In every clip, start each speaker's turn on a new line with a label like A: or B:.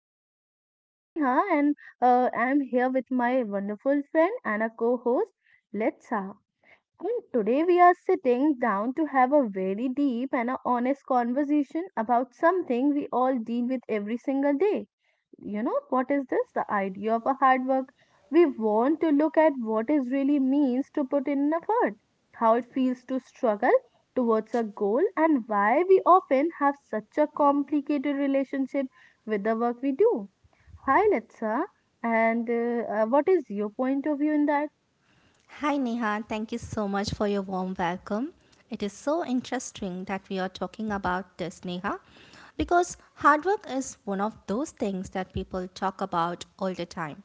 A: show. I am Neha and I am here with my wonderful friend and a co-host Letsa. And today we are sitting down to have a very deep and a honest conversation about something we all deal with every single day. You know what is this? The idea of a hard work. We want to look at what it really means to put in an effort, how it feels to struggle towards a goal, and why we often have such a complicated relationship with the work we do. Hi Letsa, and what is your point of view in that?
B: Hi Neha, thank you so much for your warm welcome. It is so interesting that we are talking about this, Neha, because hard work is one of those things that people talk about all the time.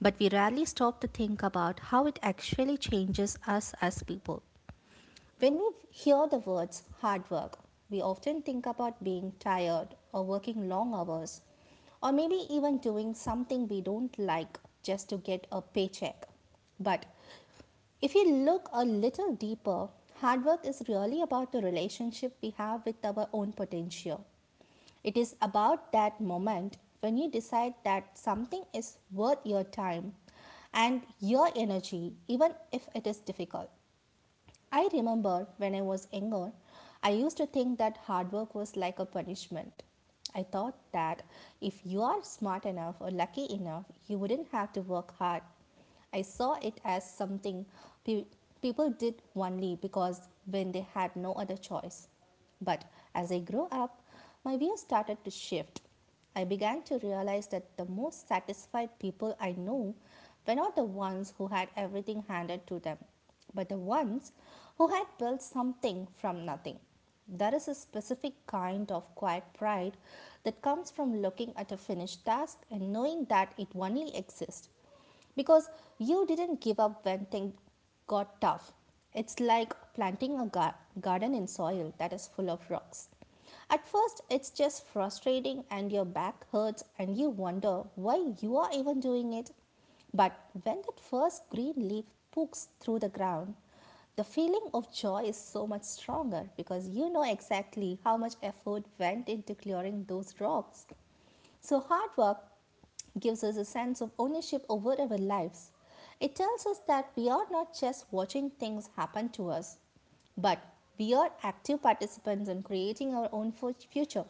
B: But we rarely stop to think about how it actually changes us as people. When we hear the words hard work, we often think about being tired or working long hours or maybe even doing something we don't like just to get a paycheck. But if you look a little deeper, hard work is really about the relationship we have with our own potential. It is about that moment when you decide that something is worth your time and your energy, even if it is difficult. I remember when I was younger, I used to think that hard work was like a punishment. I thought that if you are smart enough or lucky enough, you wouldn't have to work hard. I saw it as something pe- people did only because when they had no other choice. But as I grew up, my views started to shift. I began to realize that the most satisfied people I knew were not the ones who had everything handed to them, but the ones who had built something from nothing. There is a specific kind of quiet pride that comes from looking at a finished task and knowing that it only exists because you didn't give up when things got tough. It's like planting a garden in soil that is full of rocks. At first, it's just frustrating and your back hurts and you wonder why you are even doing it. But when that first green leaf pokes through the ground, the feeling of joy is so much stronger because you know exactly how much effort went into clearing those rocks. So, hard work gives us a sense of ownership over our lives. It tells us that we are not just watching things happen to us, but we are active participants in creating our own future.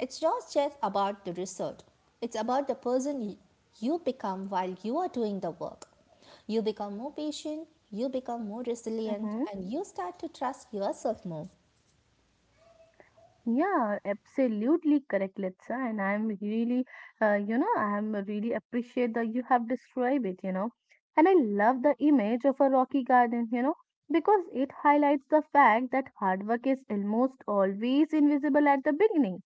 B: It's not just about the result, it's about the person you become while you are doing the work. You become more patient, you become more resilient,
A: Mhm.
B: and you start to trust yourself more.
A: Yeah, absolutely correct, Litsa. And I'm really, you know, I'm really appreciate that you have described it, you know. And I love the image of a rocky garden, you know, because it highlights the fact that hard work is almost always invisible at the beginning.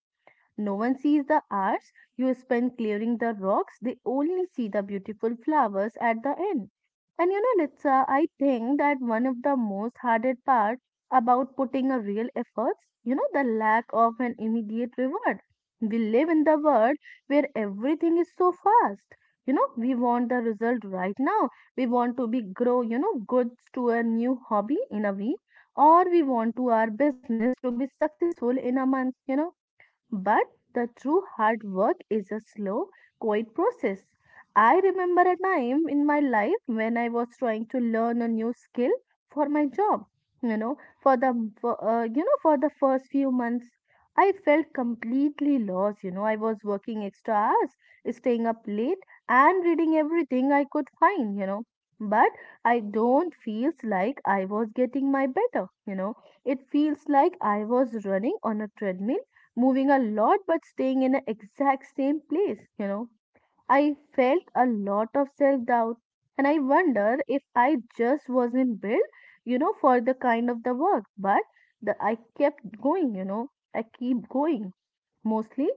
A: No one sees the hours you spend clearing the rocks, they only see the beautiful flowers at the end. And you know, Litsa, I think that one of the most hardest part about putting a real efforts, you know, the lack of an immediate reward. We live in the world where everything is so fast. You know, we want the result right now. We want to be grow, you know, goods to a new hobby in a week, or we want to our business to be successful in a month, you know, but the true hard work is a slow, quiet process. I remember a time in my life when I was trying to learn a new skill for my job. You know, you know, for the first few months, I felt completely lost. You know, I was working extra hours, staying up late, and reading everything I could find. You know, but I don't feels like I was getting my better. You know, it feels like I was running on a treadmill, moving a lot but staying in the exact same place, you know. I felt a lot of self doubt and I wonder if I just wasn't built, you know, for the kind of the work. But I kept going, you know, I keep going mostly,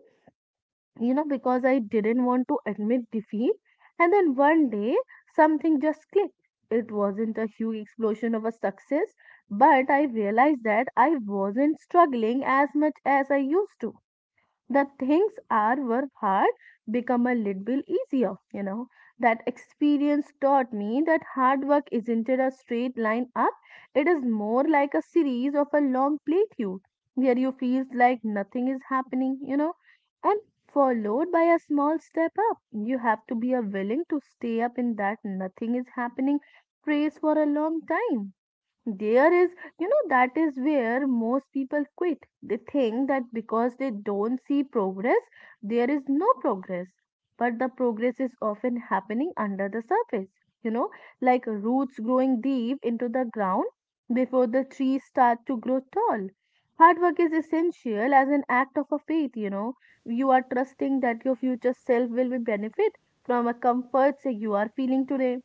A: you know, because I didn't want to admit defeat. And then one day something just clicked. It wasn't a huge explosion of a success, but I realized that I wasn't struggling as much as I used to. The things are were hard become a little bit easier, you know. That experience taught me that hard work isn't a straight line up, it is more like a series of a long plateau where you feel like nothing is happening, you know, and followed by a small step up. You have to be a willing to stay up in that nothing is happening phase for a long time. There is, you know, that is where most people quit. They think that because they don't see progress, there is no progress. But the progress is often happening under the surface, you know, like roots growing deep into the ground before the trees start to grow tall. Hard work is essential as an act of a faith, you know. You are trusting that your future self will be benefit from a comfort say you are feeling today.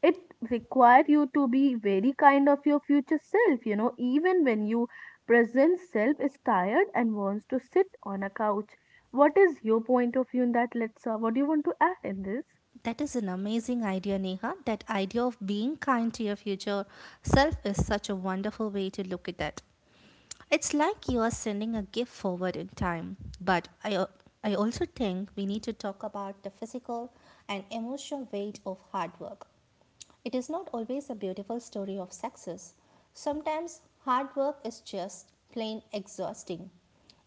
A: It require you to be very kind of your future self, you know, even when you present self is tired and wants to sit on a couch. What is your point of view in that, let's what do you want to add in this?
B: That is an amazing idea, Neha. That idea of being kind to your future self is such a wonderful way to look at that. It's like you are sending a gift forward in time. But I also think we need to talk about the physical and emotional weight of hard work. It is not always a beautiful story of success. Sometimes hard work is just plain exhausting.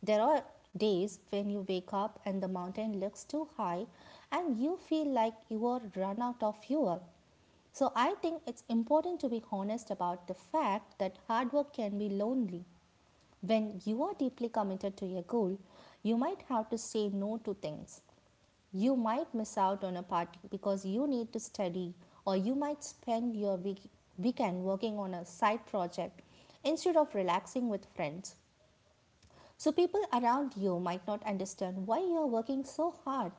B: There are days when you wake up and the mountain looks too high and you feel like you are run out of fuel. So I think it's important to be honest about the fact that hard work can be lonely. When you are deeply committed to your goal, you might have to say no to things. You might miss out on a party because you need to study, or you might spend your weekend working on a side project instead of relaxing with friends. So, people around you might not understand why you are working so hard.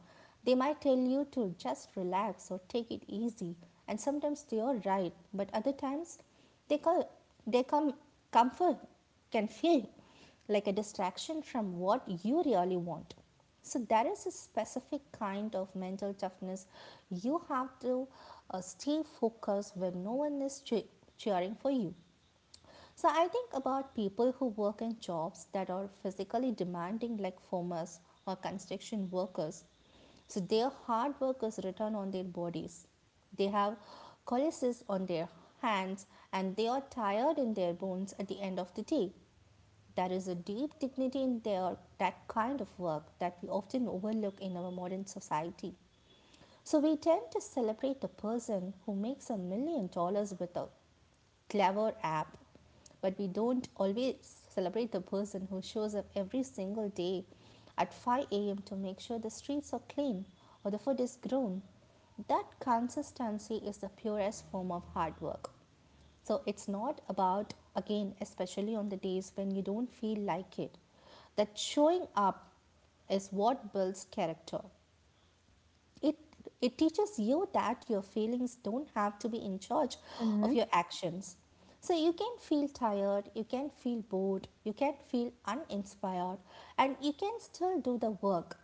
B: They might tell you to just relax or take it easy, and sometimes they are right, but other times they call they come comfort can feel like a distraction from what you really want. So there is a specific kind of mental toughness you have to, stay focused when no one is cheering for you. So I think about people who work in jobs that are physically demanding, like farmers or construction workers. So their hard work is written on their bodies. They have calluses on their hands and they are tired in their bones at the end of the day. There is a deep dignity in their that kind of work that we often overlook in our modern society. So we tend to celebrate the person who makes $1 million with a clever app, but we don't always celebrate the person who shows up every single day at 5 a.m. to make sure the streets are clean or the food is grown. That consistency is the purest form of hard work. So it's not about, again, especially on the days when you don't feel like it, that showing up is what builds character. It it teaches you that your feelings don't have to be in charge
A: Mm-hmm.
B: of your actions. So you can feel tired, you can feel bored, you can feel uninspired, and you can still do the work.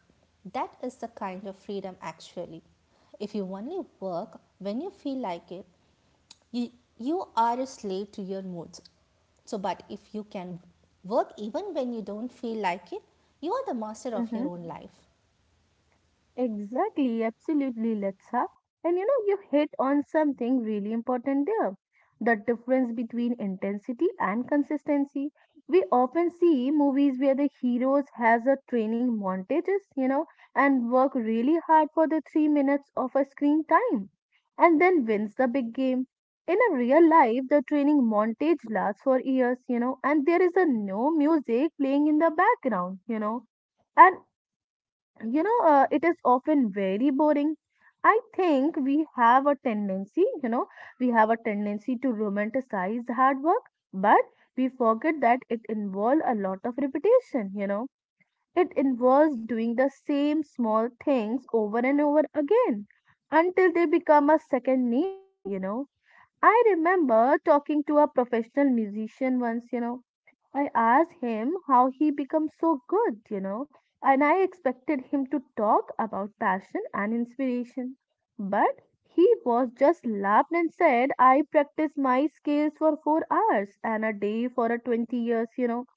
B: That is the kind of freedom, actually. If you only work when you feel like it, you you are a slave to your moods. So, but if you can work even when you don't feel like it, you are the master of your own life.
A: Exactly, absolutely, Letsa. And you know, you hit on something really important there. The difference between intensity and consistency. We often see movies where the heroes has a training montages, you know, and work really hard for the 3 minutes of a screen time and then wins the big game. In a real life, the training montage lasts for years, you know, and there is a no music playing in the background, you know. And you know, it is often very boring. I think we have a tendency, you know, We have a tendency to romanticize hard work, but we forget that it involves a lot of repetition, you know. It involves doing the same small things over and over again until they become a second nature, you know. I remember talking to a professional musician once, you know. I asked him how he become so good, you know, and I expected him to talk about passion and inspiration. But he was just laughed and said, I practice my skills for 4 hours and a day for a 20 years, you know.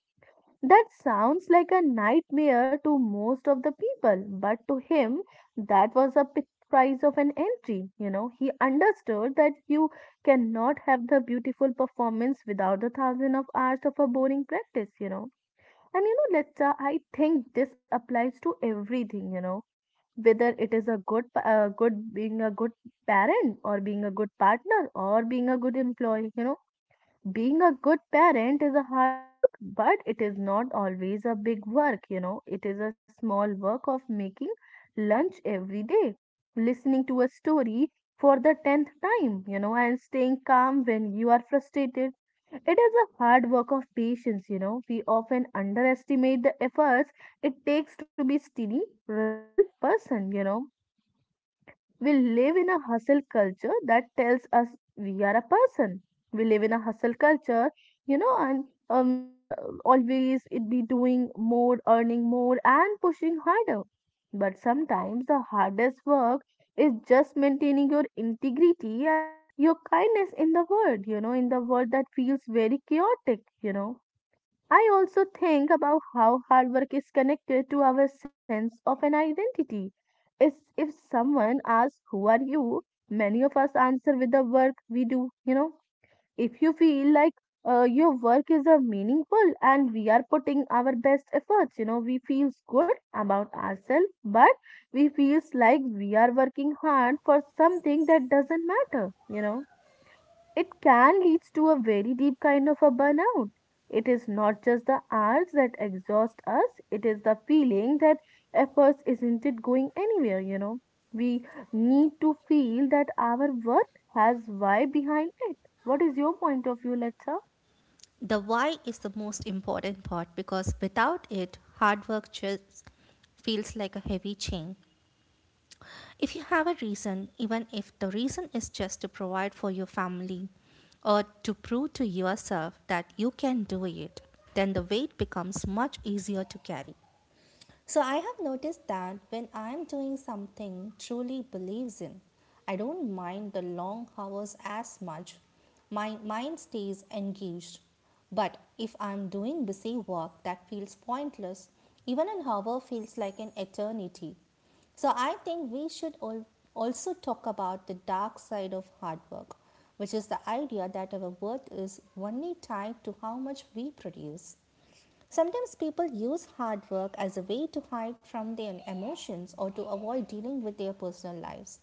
A: That sounds like a nightmare to most of the people, but to him, that was a price of an entry. You know, he understood that you cannot have the beautiful performance without the thousand of hours of a boring practice, you know. And you know, Letta, I think this applies to everything, you know, whether it is a good being a good parent or being a good partner or being a good employee, you know, being a good parent is a hard work, but it is not always a big work, you know. It is a small work of making lunch every day, listening to a story for the 10th time, you know, and staying calm when you are frustrated. It is a hard work of patience, you know. We often underestimate the efforts it takes to be steady, reliable person, you know. We live in a hustle culture that tells us we are a person. We live in a hustle culture, you know, and um, uh, always it be doing more, earning more, and pushing harder. But sometimes the hardest work is just maintaining your integrity and your kindness in the world, you know, in the world that feels very chaotic, you know. I also think about how hard work is connected to our sense of an identity. It's if someone asks, who are you? Many of us answer with the work we do. You know, if you feel like your work is a meaningful and we are putting our best efforts, you know, we feel good about ourselves, but we feels like we are working hard for something that doesn't matter, you know, it can lead to a very deep kind of a burnout. It is not just the hours that exhaust us, it is the feeling that efforts isn't it going anywhere, you know. We need to feel that our work has why behind it. What is your point of view, let?
B: The why is the most important part because without it, hard work just feels like a heavy chain. If you have a reason, even if the reason is just to provide for your family or to prove to yourself that you can do it, then the weight becomes much easier to carry. So I have noticed that when I am doing something truly believes in, I don't mind the long hours as much. My mind stays engaged. But if I'm doing busy work that feels pointless, even an hour feels like an eternity. So I think we should also talk about the dark side of hard work, which is the idea that our worth is only tied to how much we produce. Sometimes people use hard work as a way to hide from their emotions or to avoid dealing with their personal lives.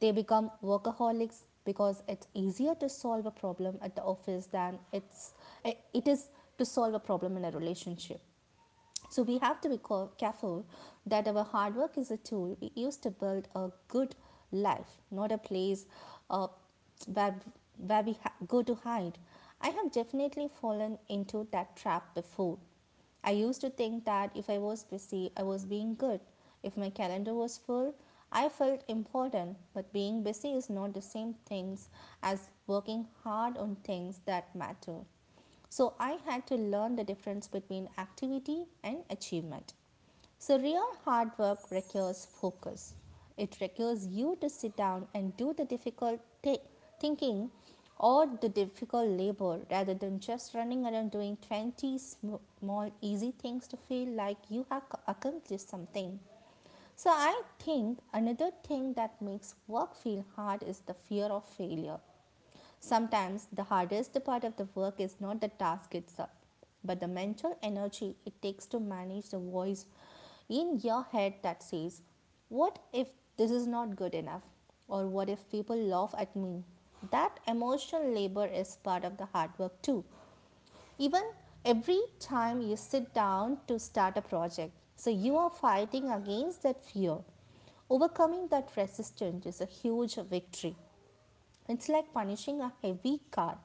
B: They become workaholics because it's easier to solve a problem at the office than it is to solve a problem in a relationship. So we have to be careful that our hard work is a tool we use to build a good life, not a place, uh, where where we go to hide. I have definitely fallen into that trap before. I used to think that if I was busy, I was being good. If my calendar was full, I felt important. But being busy is not the same things as working hard on things that matter. So I had to learn the difference between activity and achievement. So real hard work requires focus. It requires you to sit down and do the difficult thinking or the difficult labor rather than just running around doing 20 small easy things to feel like you have accomplished something. So I think another thing that makes work feel hard is the fear of failure. Sometimes the hardest part of the work is not the task itself, but the mental energy it takes to manage the voice in your head that says, what if this is not good enough? Or what if people laugh at me? That emotional labor is part of the hard work too. Even every time you sit down to start a project, so you are fighting against that fear. Overcoming that resistance is a huge victory. It's like punishing a heavy car.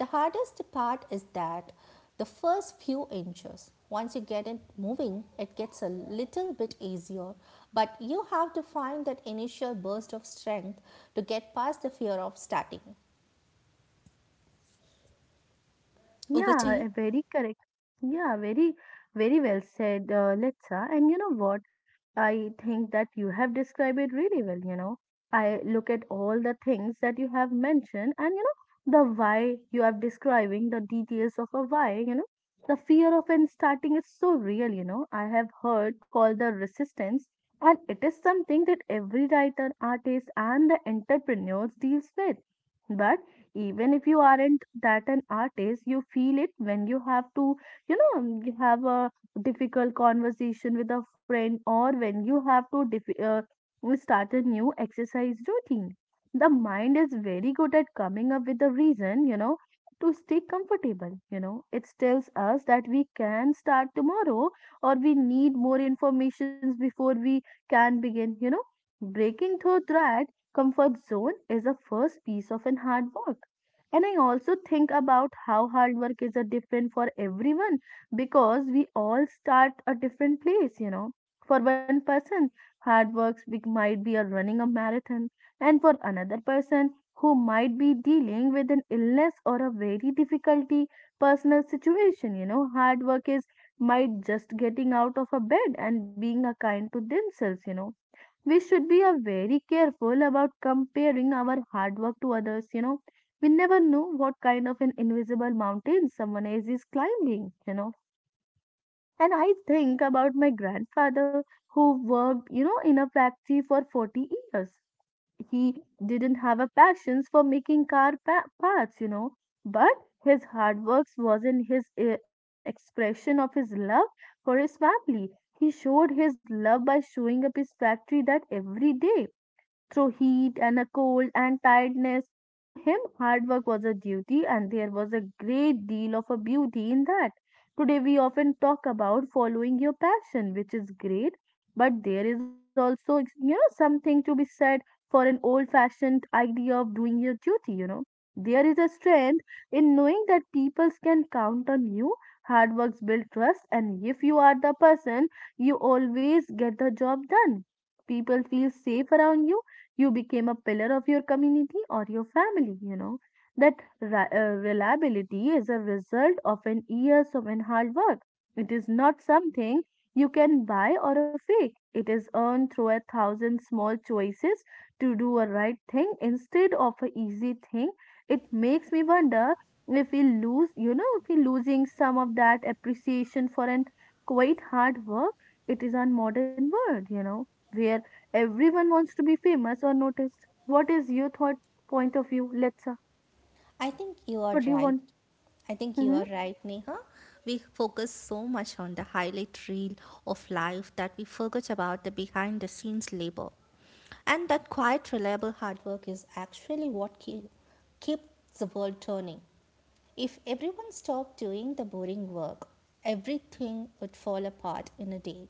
B: The hardest part is that the first few inches, once you get it moving, it gets a little bit easier, but you have to find that initial burst of strength to get past the fear of starting. Over
A: Yeah,
B: to
A: a
B: you.
A: very correct. Yeah, very well said, Litsa. And you know what? I think that you have described it really well. You know, I look at all the things that you have mentioned, and you know, the why you are describing the details of a why. You know, the fear of an starting is so real. You know, I have heard called the resistance, and it is something that every writer, artist, and the entrepreneurs deals with. But even if you aren't that an artist, you feel it when you have to, you know, you have a difficult conversation with a friend or when you have to start a new exercise routine. The mind is very good at coming up with a reason, you know, to stay comfortable, you know, it tells us that we can start tomorrow or we need more informations before we can begin, you know. Breaking through that comfort zone is the first piece of an hard work. And I also think about how hard work is a different for everyone because we all start a different place, you know. For one person, hard work might be a running a marathon, and for another person who might be dealing with an illness or a very difficulty personal situation, you know, hard work is might just getting out of a bed and being a kind to themselves, you know, we should be very careful about comparing our hard work to others, you know, we never know what kind of an invisible mountain someone else is climbing, you know. And I think about my grandfather who worked, you know, in a factory for 40 years. He didn't have a passion for making parts, you know, but his hard work was in his is an expression of his love for his family. He showed his love by showing up his factory that every day through heat and a cold and tiredness. To him, hard work was a duty, and there was a great deal of a beauty in that. Today, we often talk about following your passion, which is great, but there is also, something to be said for an old fashioned idea of doing your duty, you know. There is a strength in knowing that people can count on you. Hard works build trust, and if you are the person, you always get the job done, people feel safe around you, you became a pillar of your community or your family, you know that reliability is a result of an years of an hard work. It is not something you can buy or a fake. It is earned through a thousand small choices to do a right thing instead of a easy thing. It makes me wonder if we lose you know if we're losing some of that appreciation for an quite hard work. It is on modern world, you know, where everyone wants to be famous or noticed. What is your thought point of view, Letsa?
B: I think you are
A: What do you
B: right.
A: want?
B: I think you
A: Hmm.
B: are right, Neha. We focus so much on the highlight reel of life that we forget about the behind the scenes labor. And that quiet, reliable hard work is actually what keeps the world turning. If everyone stopped doing the boring work, everything would fall apart in a day.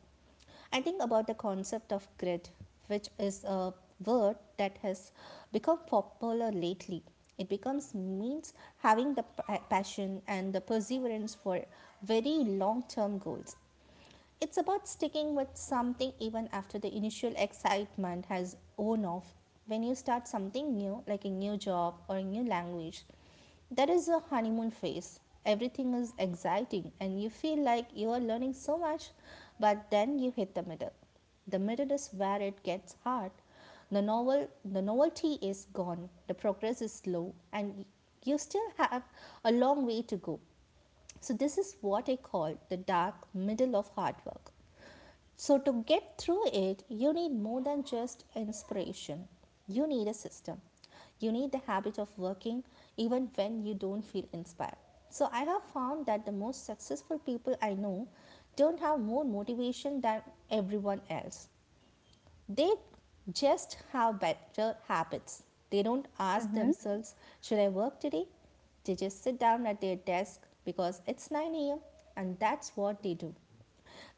B: I think about the concept of grit, which is a word that has become popular lately. It becomes means having the passion and the perseverance for very long term goals. It's about sticking with something even after the initial excitement has worn off. When you start something new, like a new job or a new language, there is a honeymoon phase. Everything is exciting and you feel like you are learning so much, but then you hit the middle. The middle is where it gets hard. The novelty is gone, the progress is slow, and you still have a long way to go. So this is what I call the dark middle of hard work. So, to get through it, you need more than just inspiration. You need a system. You need the habit of working even when you don't feel inspired. So, I have found that the most successful people I know don't have more motivation than everyone else. They just have better habits. They don't ask
A: Mm-hmm.
B: themselves, should I work today? They just sit down at their desk because it's 9 a.m. and that's what they do.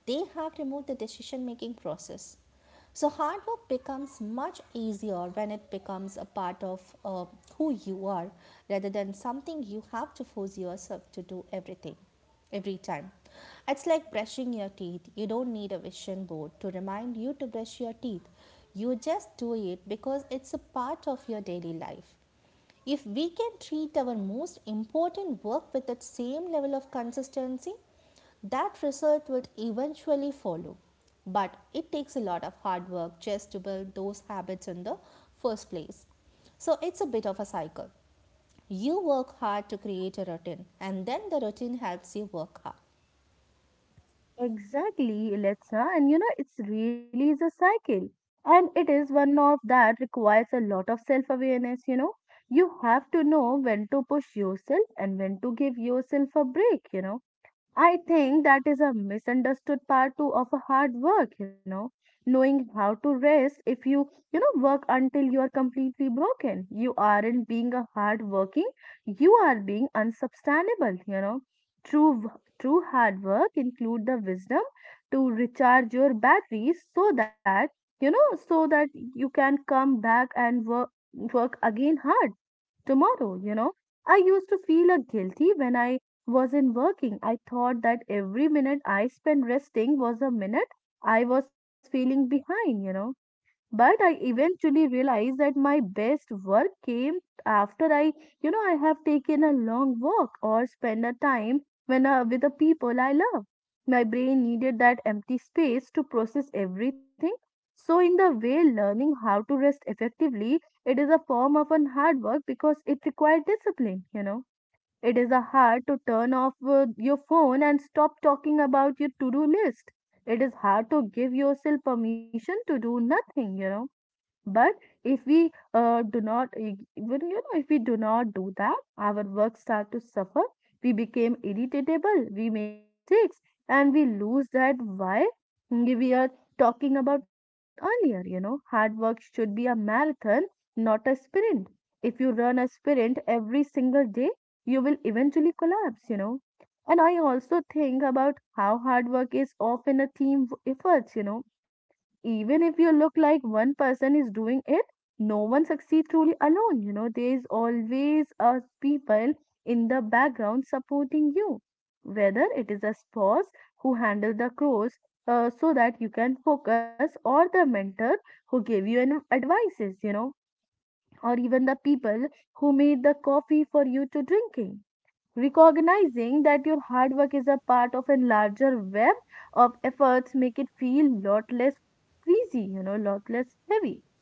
B: They have removed the decision making process. So, hard work becomes much easier when it becomes a part of who you are rather than something you have to force yourself to do everything every time. It's like brushing your teeth. You don't need a vision board to remind you to brush your teeth. You just do it because it's a part of your daily life. If we can treat our most important work with that same level of consistency, that result will eventually follow. But it takes a lot of hard work just to build those habits in the first place. So it's a bit of a cycle. You work hard to create a routine, and then the routine helps you work hard.
A: Exactly, Letsa. And you know, it's really is a cycle. And it is one of that requires a lot of self awareness, you know. You have to know when to push yourself and when to give yourself a break, you know. I think that is a misunderstood part too of a hard work, you know, knowing how to rest. If you work until you are completely broken, you aren't being a hard working, you are being unsubstantiable, you know. True hard work include the wisdom to recharge your batteries so that, you know, so that you can come back and work again hard tomorrow, you know. I used to feel a guilty when I wasn't working. I thought that every minute I spent resting was a minute I was feeling behind, you know. But I eventually realized that my best work came after I have taken a long walk or spent a time when with the people I love. My brain needed that empty space to process everything. So in the way, learning how to rest effectively, it is a form of an hard work because it required discipline. You know, it is a hard to turn off your phone and stop talking about your to-do list. It is hard to give yourself permission to do nothing, you know, but if we do not, if we do not do that, our work start to suffer. We become irritable. We make mistakes, and we lose that why we are talking about earlier. You know, hard work should be a marathon, not a sprint. If you run a sprint every single day, you will eventually collapse. You know, and I also think about how hard work is often a team effort. You know, even if you look like one person is doing it, no one succeeds truly alone. You know, there is always a people in the background supporting you, whether it is a spouse who handle the chores, so that you can focus, or the mentor who gave you an advices. You know, or even the people who made the coffee for you to drinking. Recognizing that your hard work is a part of a larger web of efforts make it feel lot less crazy, you know, lot less heavy.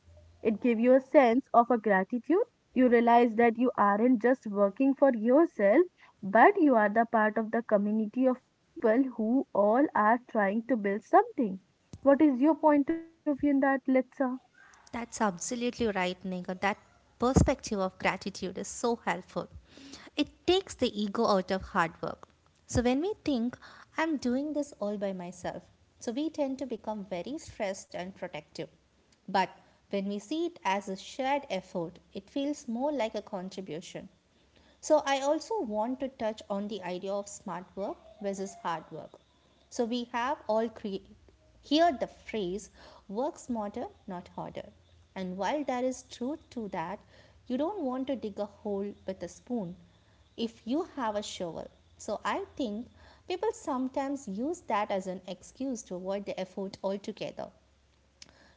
A: It gives you a sense of a gratitude. You realize that you aren't just working for yourself, but you are the part of the community of people who all are trying to build something. What is your point of view in that, Letsa?
B: That's absolutely right, Nigga. That perspective of gratitude is so helpful. It takes the ego out of hard work. So, when we think, I'm doing this all by myself, so we tend to become very stressed and protective. But when we see it as a shared effort, it feels more like a contribution. So, I also want to touch on the idea of smart work versus hard work. So, we have heard the phrase work smarter, not harder. And while there is truth to that, you don't want to dig a hole with a spoon if you have a shovel. So, I think people sometimes use that as an excuse to avoid the effort altogether.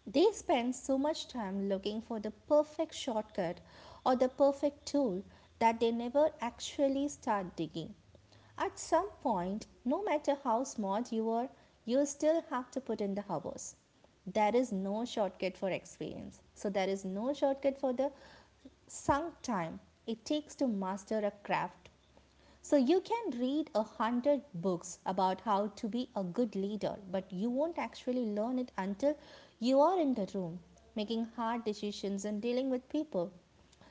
B: They spend so much time looking for the perfect shortcut or the perfect tool that they never actually start digging. At some point, no matter how smart you are, you still have to put in the hours. There is no shortcut for experience. So, there is no shortcut for the sunk time it takes to master a craft. So you can read a hundred books about how to be a good leader, but you won't actually learn it until you are in the room, making hard decisions and dealing with people.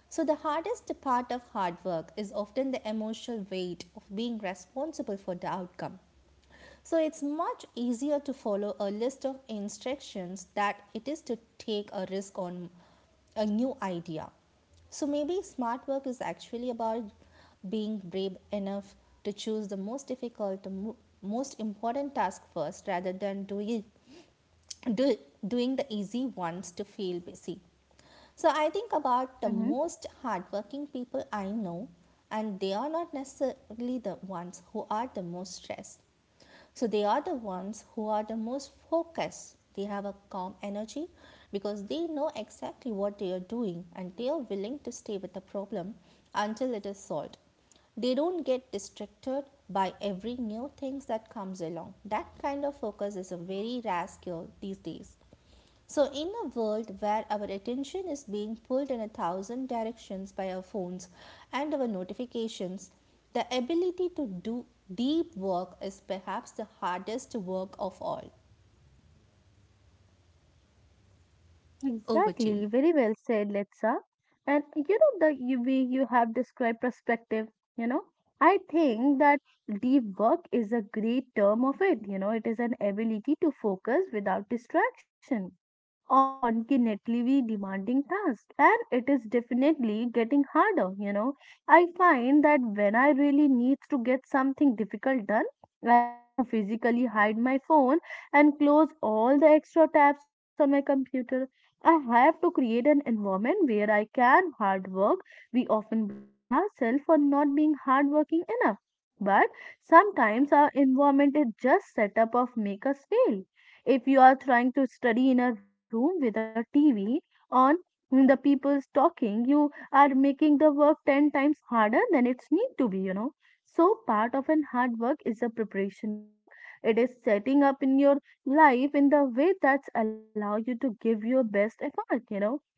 B: So, the hardest part of hard work is often the emotional weight of being responsible for the outcome. So it's much easier to follow a list of instructions that it is to take a risk on a new idea. So maybe smart work is actually about being brave enough to choose the most difficult, the most important task first rather than do, doing the easy ones to feel busy. So I think about the most hardworking people I know, and they are not necessarily the ones who are the most stressed. So they are the ones who are the most focused. They have a calm energy because they know exactly what they are doing and they are willing to stay with the problem until it is solved. They don't get distracted by every new things that comes along. That kind of focus is a very rare skill these days. So in a world where our attention is being pulled in a thousand directions by our phones and our notifications, the ability to do deep work is perhaps the hardest work of all. Over to you.
A: Exactly, very well said, Letsa. And you know the way you have described perspective, you know, I think that deep work is a great term of it. You know, it is an ability to focus without distraction on an continually demanding task, and it is definitely getting harder, you know. I find that when I really need to get something difficult done, I have to physically hide my phone and close all the extra tabs on my computer. I have to create an environment where I can hard work. We often blame ourselves for not being hardworking enough, but sometimes our environment is just set up of make us fail. If you are trying to study in a room with a TV on and the people's talking, you are making the work 10 times harder than it's need to be, you know. So part of an hard work is a preparation work. It is setting up in your life in the way that's allow you to give your best effort, you know.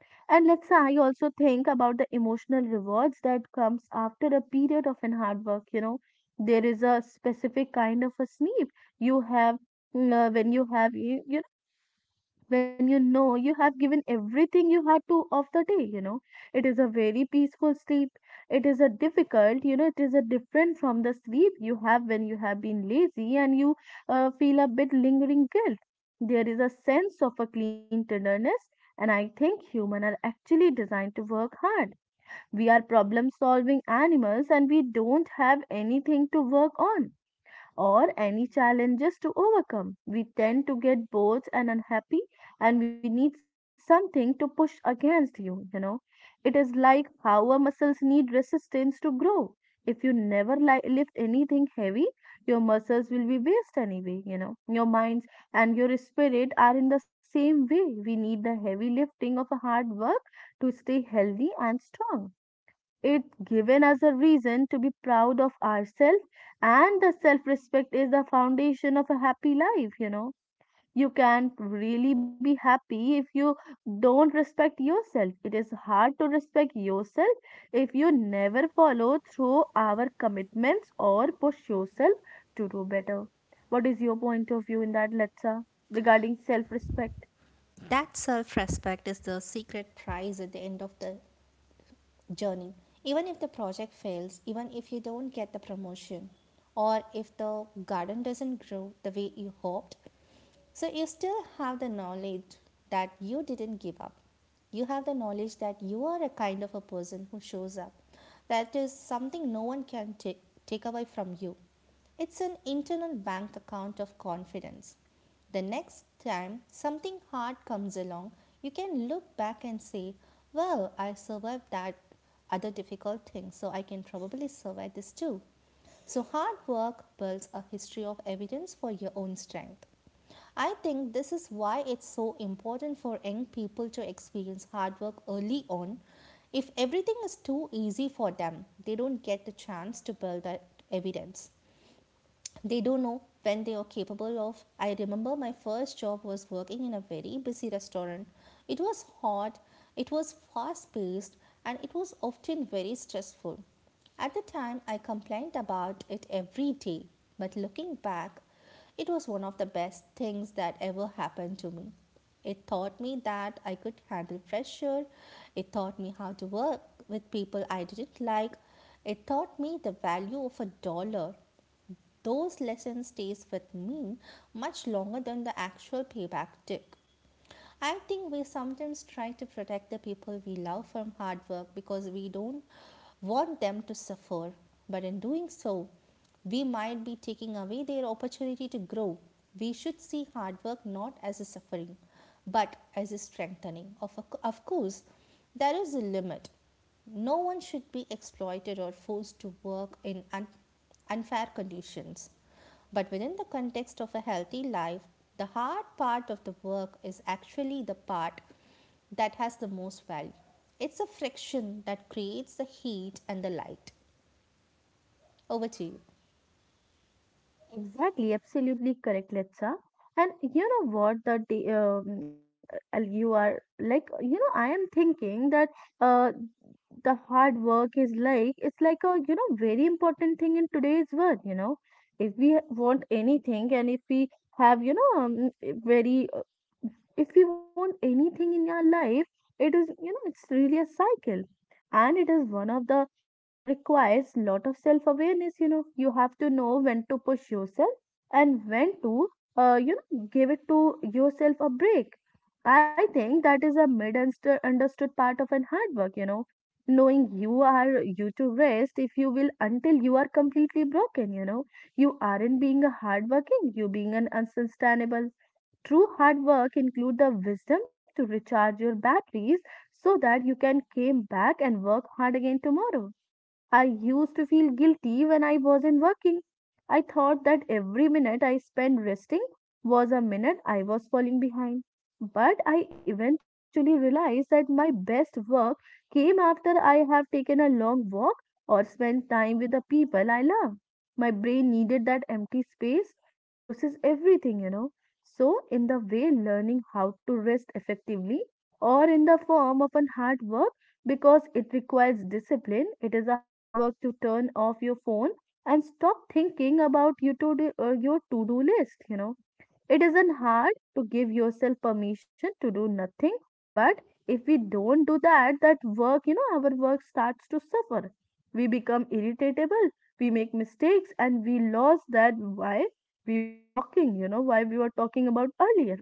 A: And let's I also think about the emotional rewards that comes after a period of an hard work. You know, there is a specific kind of a sleep you have when you when you know you have given everything you had to of the day, you know. It is a very peaceful sleep. It is a different from the sleep you have when you have been lazy and you feel a bit lingering guilt. There is a sense of a clean tenderness, and I think humans are actually designed to work hard. We are problem solving animals and we don't have anything to work on or any challenges to overcome. We tend to get bored and unhappy, and we need something to push against you, you know. It is like how our muscles need resistance to grow. If you never lift anything heavy, your muscles will be waste anyway, you know. Your minds and your spirit are in the same way. We need the heavy lifting of a hard work to stay healthy and strong. It's given us a reason to be proud of ourselves, and the self respect is the foundation of a happy life, you know. You can't really be happy if you don't respect yourself. It is hard to respect yourself if you never follow through our commitments or push yourself to do better. What is your point of view in that, Letsa, regarding self respect?
B: That self-respect is the secret prize at the end of the journey. Even if the project fails, even if you don't get the promotion, or if the garden doesn't grow the way you hoped, so you still have the knowledge that you didn't give up. You have the knowledge that you are a kind of a person who shows up. That is something no one can take away from you. It's an internal bank account of confidence. The next time something hard comes along, you can look back and say, well, I survived that other difficult thing, so I can probably survive this too. So, hard work builds a history of evidence for your own strength. I think this is why it's so important for young people to experience hard work early on. If everything is too easy for them, they don't get the chance to build that evidence. They don't know when they are capable of. I remember my first job was working in a very busy restaurant. It was hot, it was fast paced, and it was often very stressful. At the time, I complained about it every day, but looking back, it was one of the best things that ever happened to me. It taught me that I could handle pressure. It taught me how to work with people I didn't like. It taught me the value of a dollar. Those lessons stays with me much longer than the actual payback took. I think we sometimes try to protect the people we love from hard work because we don't want them to suffer. But in doing so, we might be taking away their opportunity to grow. We should see hard work not as a suffering, but as a strengthening. Of course, there is a limit. No one should be exploited or forced to work in unfair conditions. But within the context of a healthy life, the hard part of the work is actually the part that has the most value. It's the friction that creates the heat and the light. Over to you.
A: Exactly, absolutely correct, Letsa. And you know what? You are like, you know, I am thinking that uh the hard work is like, it's like a, you know, very important thing in today's world. You know, if we want anything and if we have, you know, very if we want anything in our life, it is, you know, it's really a cycle. And it is one of the requires lot of self awareness, you know. You have to know when to push yourself and when to you know give it to yourself a break. I think that is a mid understood part of an hard work, you know, knowing you are you to rest. If you will, until you are completely broken, you know, you aren't being a hard working. You being an unsustainable. True hard work include the wisdom to recharge your batteries so that you can came back and work hard again tomorrow. I used to feel guilty when I wasn't working. I thought that every minute I spent resting was a minute I was falling behind. But I eventually realized that my best work came after I have taken a long walk or spent time with the people I love. My brain needed that empty space to process everything, you know. So, in the way learning how to rest effectively or in the form of an hard work because it requires discipline. It is a hard work to turn off your phone and stop thinking about your your to-do list, you know. It isn't hard to give yourself permission to do nothing, but if we don't do that, our work starts to suffer. We become irritable, we make mistakes, and we lose that why we were talking, you know, why we were talking about earlier.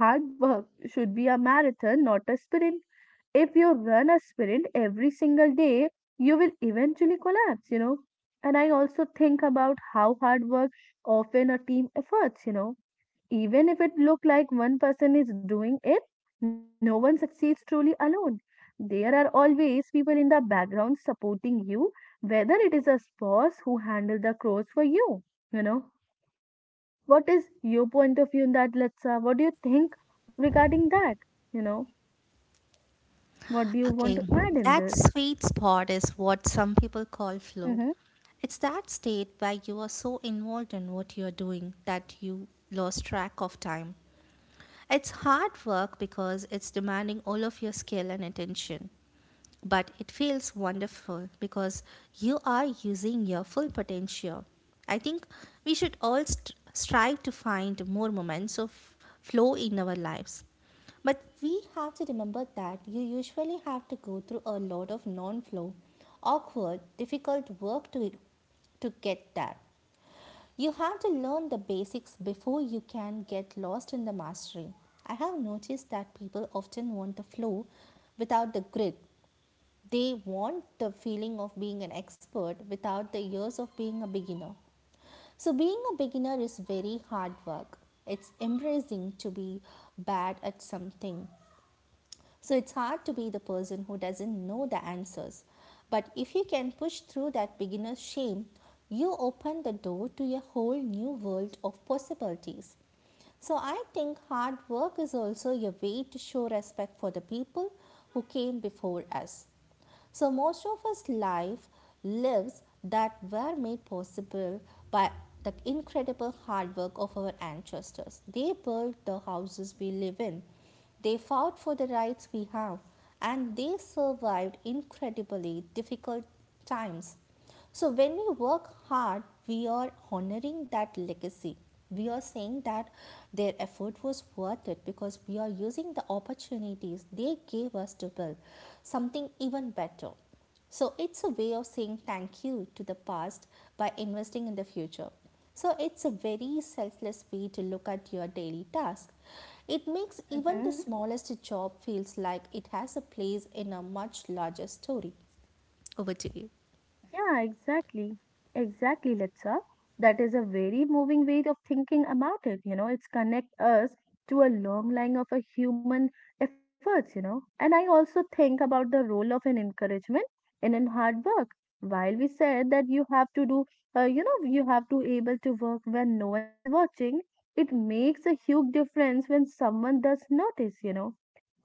A: Hard work should be a marathon, not a sprint. If you run a sprint every single day, you will eventually collapse, you know. And I also think about how hard work often a team efforts, you know. Even if it look like one person is doing it, no one succeeds truly alone. There are always people in the background supporting you, whether it is a boss who handle the chores for you, you know. What is your point of view in that, Letsa? What do you think regarding that? You know, what do you want
B: Okay,
A: to add in
B: that
A: this?
B: sweet spot is what some people call
A: Mm-hmm.
B: flow. It's that state where you are so involved in what you're doing that you lost track of time. It's hard work because it's demanding all of your skill and attention, but it feels wonderful because you are using your full potential. I think we should strive to find more moments of flow in our lives. But we have to remember that you usually have to go through a lot of non flow, awkward, difficult work to get there. You have to learn the basics before you can get lost in the mastery. I have noticed that people often want the flow without the grit. They want the feeling of being an expert without the years of being a beginner. So, being a beginner is very hard work. It's embracing to be bad at something, so it's hard to be the person who doesn't know the answers. But if you can push through that beginner's shame, you open the door to a whole new world of possibilities. So I think hard work is also a way to show respect for the people who came before us. So most of us life lives that were made possible by the incredible hard work of our ancestors. They built the houses we live in. They fought for the rights we have and they survived incredibly difficult times. So when we work hard, we are honoring that legacy. We are saying that their effort was worth it because we are using the opportunities they gave us to build something even better. So it's a way of saying thank you to the past by investing in the future. So it's a very selfless way to look at your daily task. It makes even the
A: Mm-hmm.
B: smallest job feels like it has a place in a much larger story. Over to you.
A: Yeah, exactly. Exactly, Litsa. That is a very moving way of thinking about it. You know, it's connect us to a long line of a human efforts, you know. And I also think about the role of an encouragement in an hard work. While we said that you have to do, you have to able to work when no one is watching, it makes a huge difference when someone does notice, you know.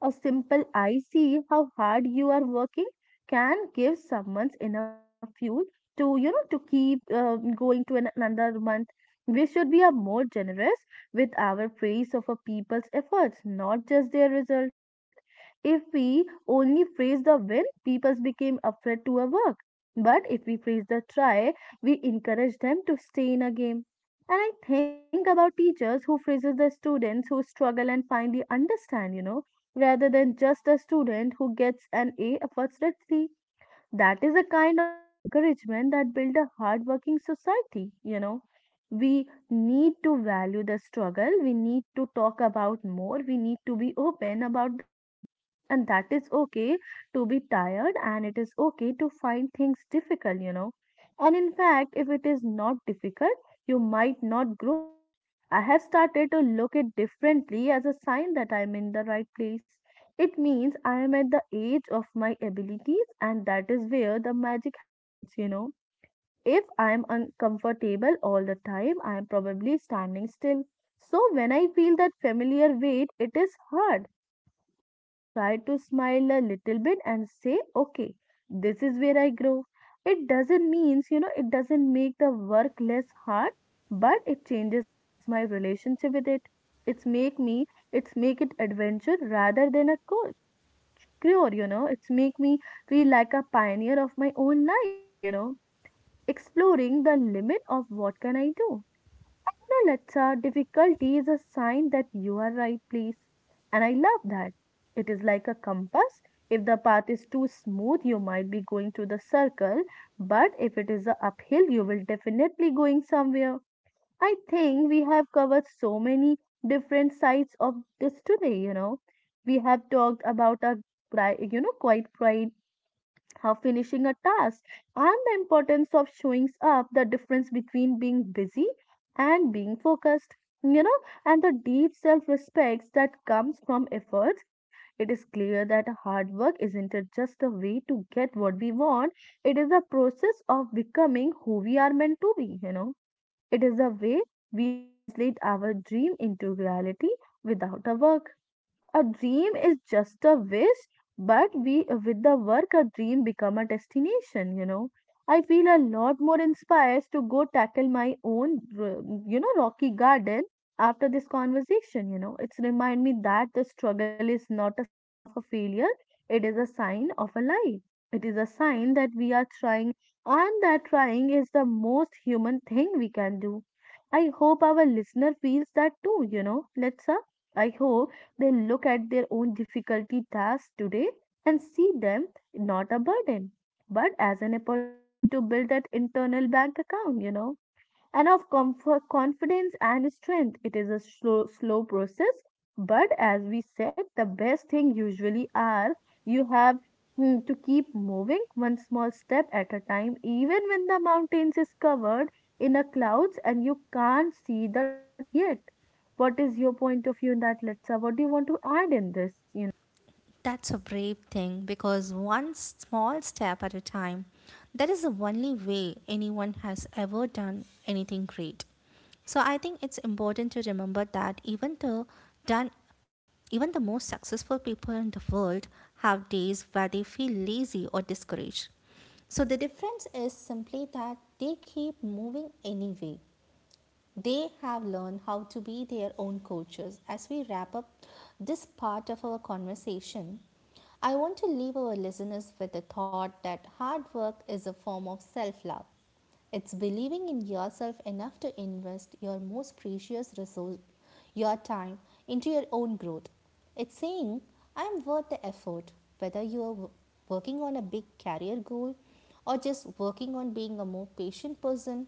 A: A simple I see how hard you are working can give someone enough fuel to to keep going to an, another month. We should be a more generous with our praise of a people's efforts, not just their result. If we only praise the win, people became afraid to a work. But if we praise the try, we encourage them to stay in a game. And I think about teachers who praises the students who struggle and finally understand, you know, rather than just a student who gets an A fortunately. That is a kind of an encouragement that builds a hardworking society, you know. We need to value the struggle, we need to talk about more, we need to be open about the fact. And that is okay to be tired and it is okay to find things difficult, you know. And in fact, if it is not difficult, you might not growing. I have started to look it differently as a sign that I'm in the right place. It means I am at the age of my abilities, and that is where the magic happens, you know. If I am uncomfortable all the time, I am probably standing still. So when I feel that familiar weight, it is hard. I try to smile a little bit and say, okay, this is where I grow. It doesn't means, it doesn't make the work less hard, but it changes my relationship with it. It's make me, it's make it adventure rather than a goal secure, you know. It's make me feel like a pioneer of my own life, you know, exploring the limit of what can I do. And you know, Latsa, difficulty is a sign that you are right place. And I love that. It is like a compass. If the path is too smooth, you might be going to the circle, but if it is a uphill, you will definitely going somewhere. I think we have covered so many different sides of this today, you know. We have talked about our, quiet pride, how finishing a task, and the importance of showing up, the difference between being busy and being focused, you know, and the deep self respect that comes from efforts. It is clear that hard work isn't it just a way to get what we want, it is a process of becoming who we are meant to be, you know, it is a way we translate our dream into reality. Without a work a dream is just a wish, but we with the work a dream become a destination, you know. I feel a lot more inspired to go tackle my own rocky garden after this conversation, you know. It's remind me that the struggle is not a sign of a failure, it is a sign of a life, it is a sign that we are trying, and that trying is the most human thing we can do. I hope our listener feels that too, you know. Let's I hope they look at their own difficulty tasks today and see them not a burden, but as an opportunity to build that internal bank account, you know, and of comfort, confidence and strength. It is a slow, slow process, but as we said, the best thing usually are you have to keep moving one small step at a time, even when the mountains is covered in a clouds and you can't see the top yet. What is your point of view in that, Letsa? What do you want to add in this? You
B: That's a brave thing because one small step at a time, that is the only way anyone has ever done anything great. So I think it's important to remember that done even the most successful people in the world have days where they feel lazy or discouraged. So the difference is simply that they keep moving anyway. They have learned how to be their own coaches. As we wrap up this part of our conversation, I want to leave our listeners with the thought that hard work is a form of self love. It's believing in yourself enough to invest your most precious resource, your time, into your own growth. It's saying, I'm worth the effort, whether you are working on a big career goal or just working on being a more patient person,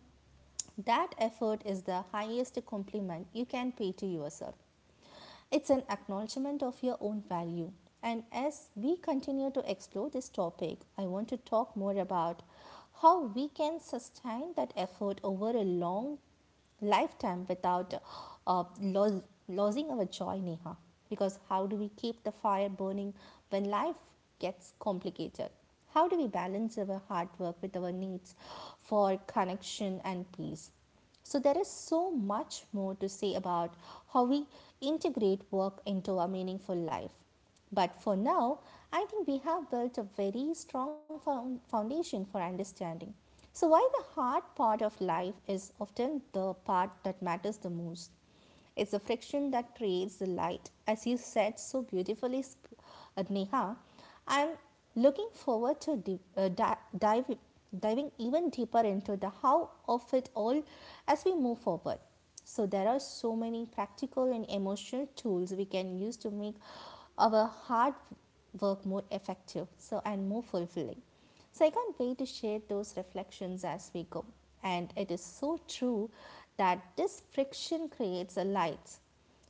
B: that effort is the highest compliment you can pay to yourself. It's an acknowledgement of your own value. And as we continue to explore this topic, I want to talk more about how we can sustain that effort over a long lifetime without uh, lo- losing our joy, Neha. Because how do we keep the fire burning when life gets complicated? How do we balance our hard work with our needs for connection and peace? So, there is so much more to say about how we integrate work into our meaningful life. But for now, I think we have built a very strong foundation for understanding. So, why the hard part of life is often the part that matters the most. It's the friction that creates the light, as you said so beautifully, Neha. I am looking forward to diving even deeper into the how of it all as we move forward. So, there are so many practical and emotional tools we can use to make our hard work more effective and more fulfilling. So I can't wait to share those reflections as we go. And it is so true that this friction creates a light.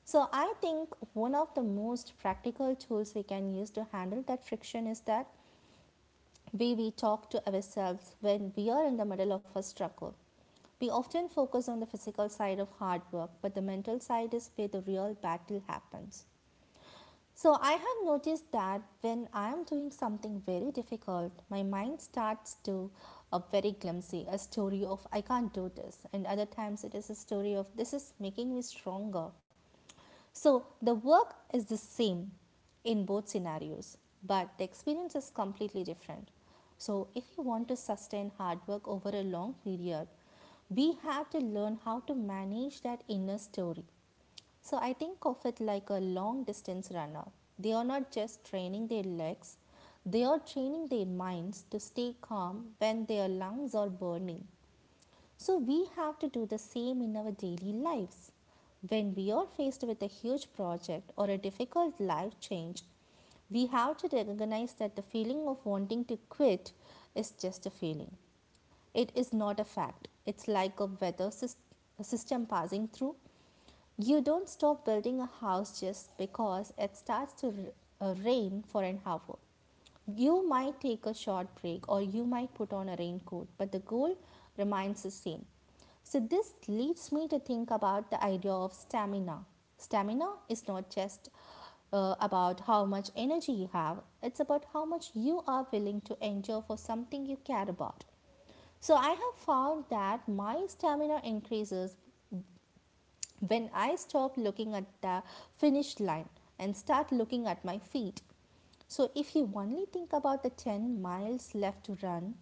B: So I think one of the most practical tools we can use to handle that friction is that way we talk to ourselves when we are in the middle of a struggle. We often focus on the physical side of hard work, but the mental side is where the real battle happens. So I have noticed that when I am doing something very difficult, my mind starts to a very clumsy, a story of I can't do this, and other times it is a story of this is making me stronger. So the work is the same in both scenarios, but the experience is completely different. So if you want to sustain hard work over a long period, we have to learn how to manage that inner story. So I think of it like a long distance runner. They are not just training their legs, they are training their minds to stay calm when their lungs are burning. So, we have to do the same in our daily lives. When we are faced with a huge project or a difficult life change, we have to recognize that the feeling of wanting to quit is just a feeling. It is not a fact. It's like a system passing through. You don't stop building a house just because it starts to rain for an hour. You might take a short break or you might put on a raincoat, but the goal remains the same. So, this leads me to think about the idea of stamina. Stamina is not just about how much energy you have, it's about how much you are willing to endure for something you care about. So I have found that my stamina increases when I stop looking at the finish line and start looking at my feet. So, if you only think about the 10 miles left to run,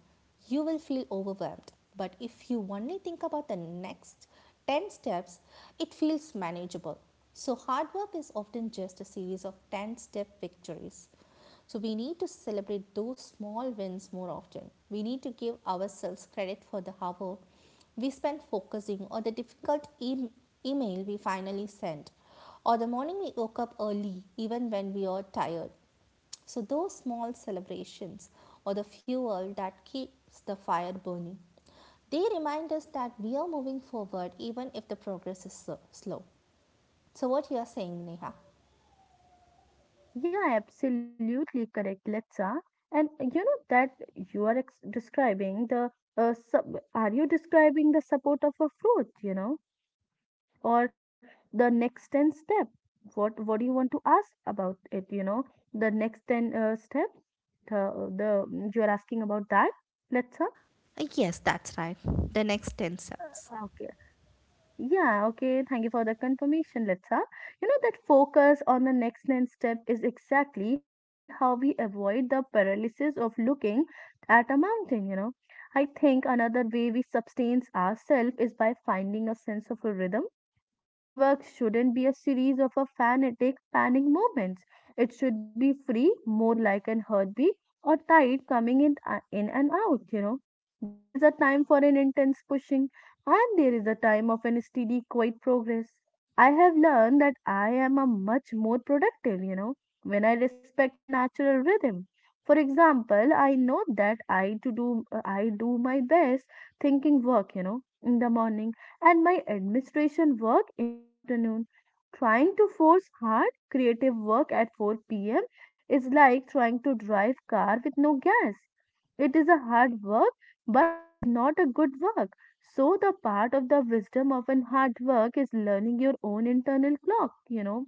B: you will feel overwhelmed. But if you only think about the next 10 steps, it feels manageable. So, hard work is often just a series of 10 step victories. So, we need to celebrate those small wins more often. We need to give ourselves credit for the hard work we spent focusing on the email we finally sent, or the morning we woke up early even when we are tired. So, those small celebrations or the fuel that keeps the fire burning. They remind us that we are moving forward even if the progress is so slow. So, what you are saying, Neha?
A: yeah, absolutely correct, Letsa. And you know that you are ex describing the sub are you describing the support of a fruit, you know, or the next 10 step? What do you want to ask about it, you know? The next 10 step? The you are asking about that, Letsa?
B: Yes, that's right. The next 10 steps.
A: Yeah, okay. Thank you for the confirmation, Litsa. You know that focus on the next step is exactly how we avoid the paralysis of looking at a mountain, you know. I think another way we sustain ourselves is by finding a sense of a rhythm. Hard work shouldn't be a series of a fanatic panic moments. It should be free, more like an heartbeat or tide coming in and out, you know. There is a time for an intense pushing and there is a time of an steady, quiet progress. I have learned that I am a much more productive, you know, when I respect my natural rhythm. For example, I know that I do my best thinking work, you know, in the morning and my administration work in the afternoon. Trying to force hard creative work at 4 p.m. is like trying to drive car with no gas. It is a hard work, but it is not a good work. So the part of the wisdom of an hard work is learning your own internal clock, you know,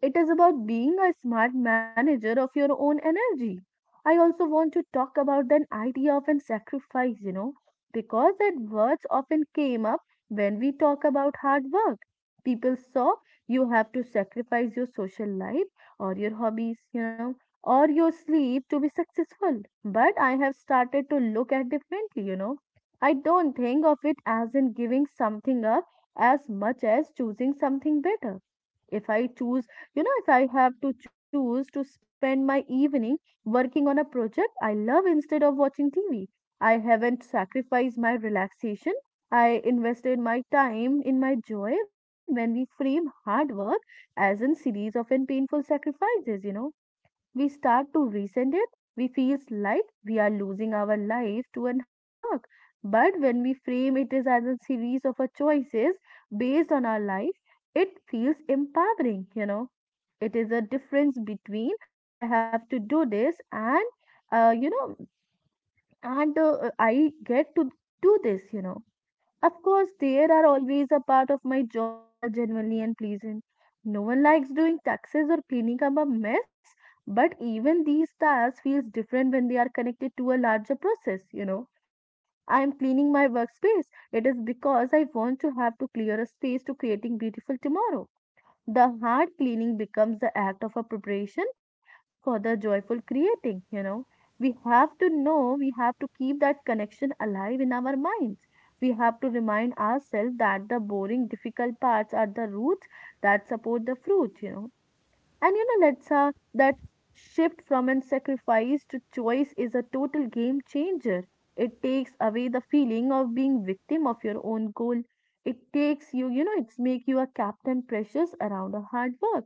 A: it is about being a smart manager of your own energy. I also want to talk about the idea of an sacrifice, you know, because that words often came up when we talk about hard work. People saw you have to sacrifice your social life or your hobbies, you know, or your sleep to be successful. But I have started to look at differently, you know. I don't think of it as in giving something up as much as choosing something better. If I choose you know, If I have to choose to spend my evening working on a project I love instead of watching TV, I haven't sacrificed my relaxation. I invested my time in my joy when we frame hard work as a series of and painful sacrifices, you know. We start to resent it. We feel like we are losing our life to an hard work. But when we frame it as a series of our choices based on our life, it feels empowering, you know. It is a difference between I have to do this and, uh, you know, and uh, I get to do this, you know. Of course, there are always a part of my job that are genuinely unpleasant. No one likes doing taxes or cleaning up a mess, but even these tasks feels different when they are connected to a larger process, you know. I am cleaning my workspace. It is because I want to have to clear a space to creating beautiful tomorrow. The hard cleaning becomes the act of a preparation for the joyful creating, you know. We have to keep that connection alive in our minds, we have to remind ourselves that the boring difficult parts are the roots that support the fruit, you know. And you know, let's that shift from an sacrifice to choice is a total game changer. It takes away the feeling of being victim of your own goal. It takes you, it's make you a captain precious around a hard work.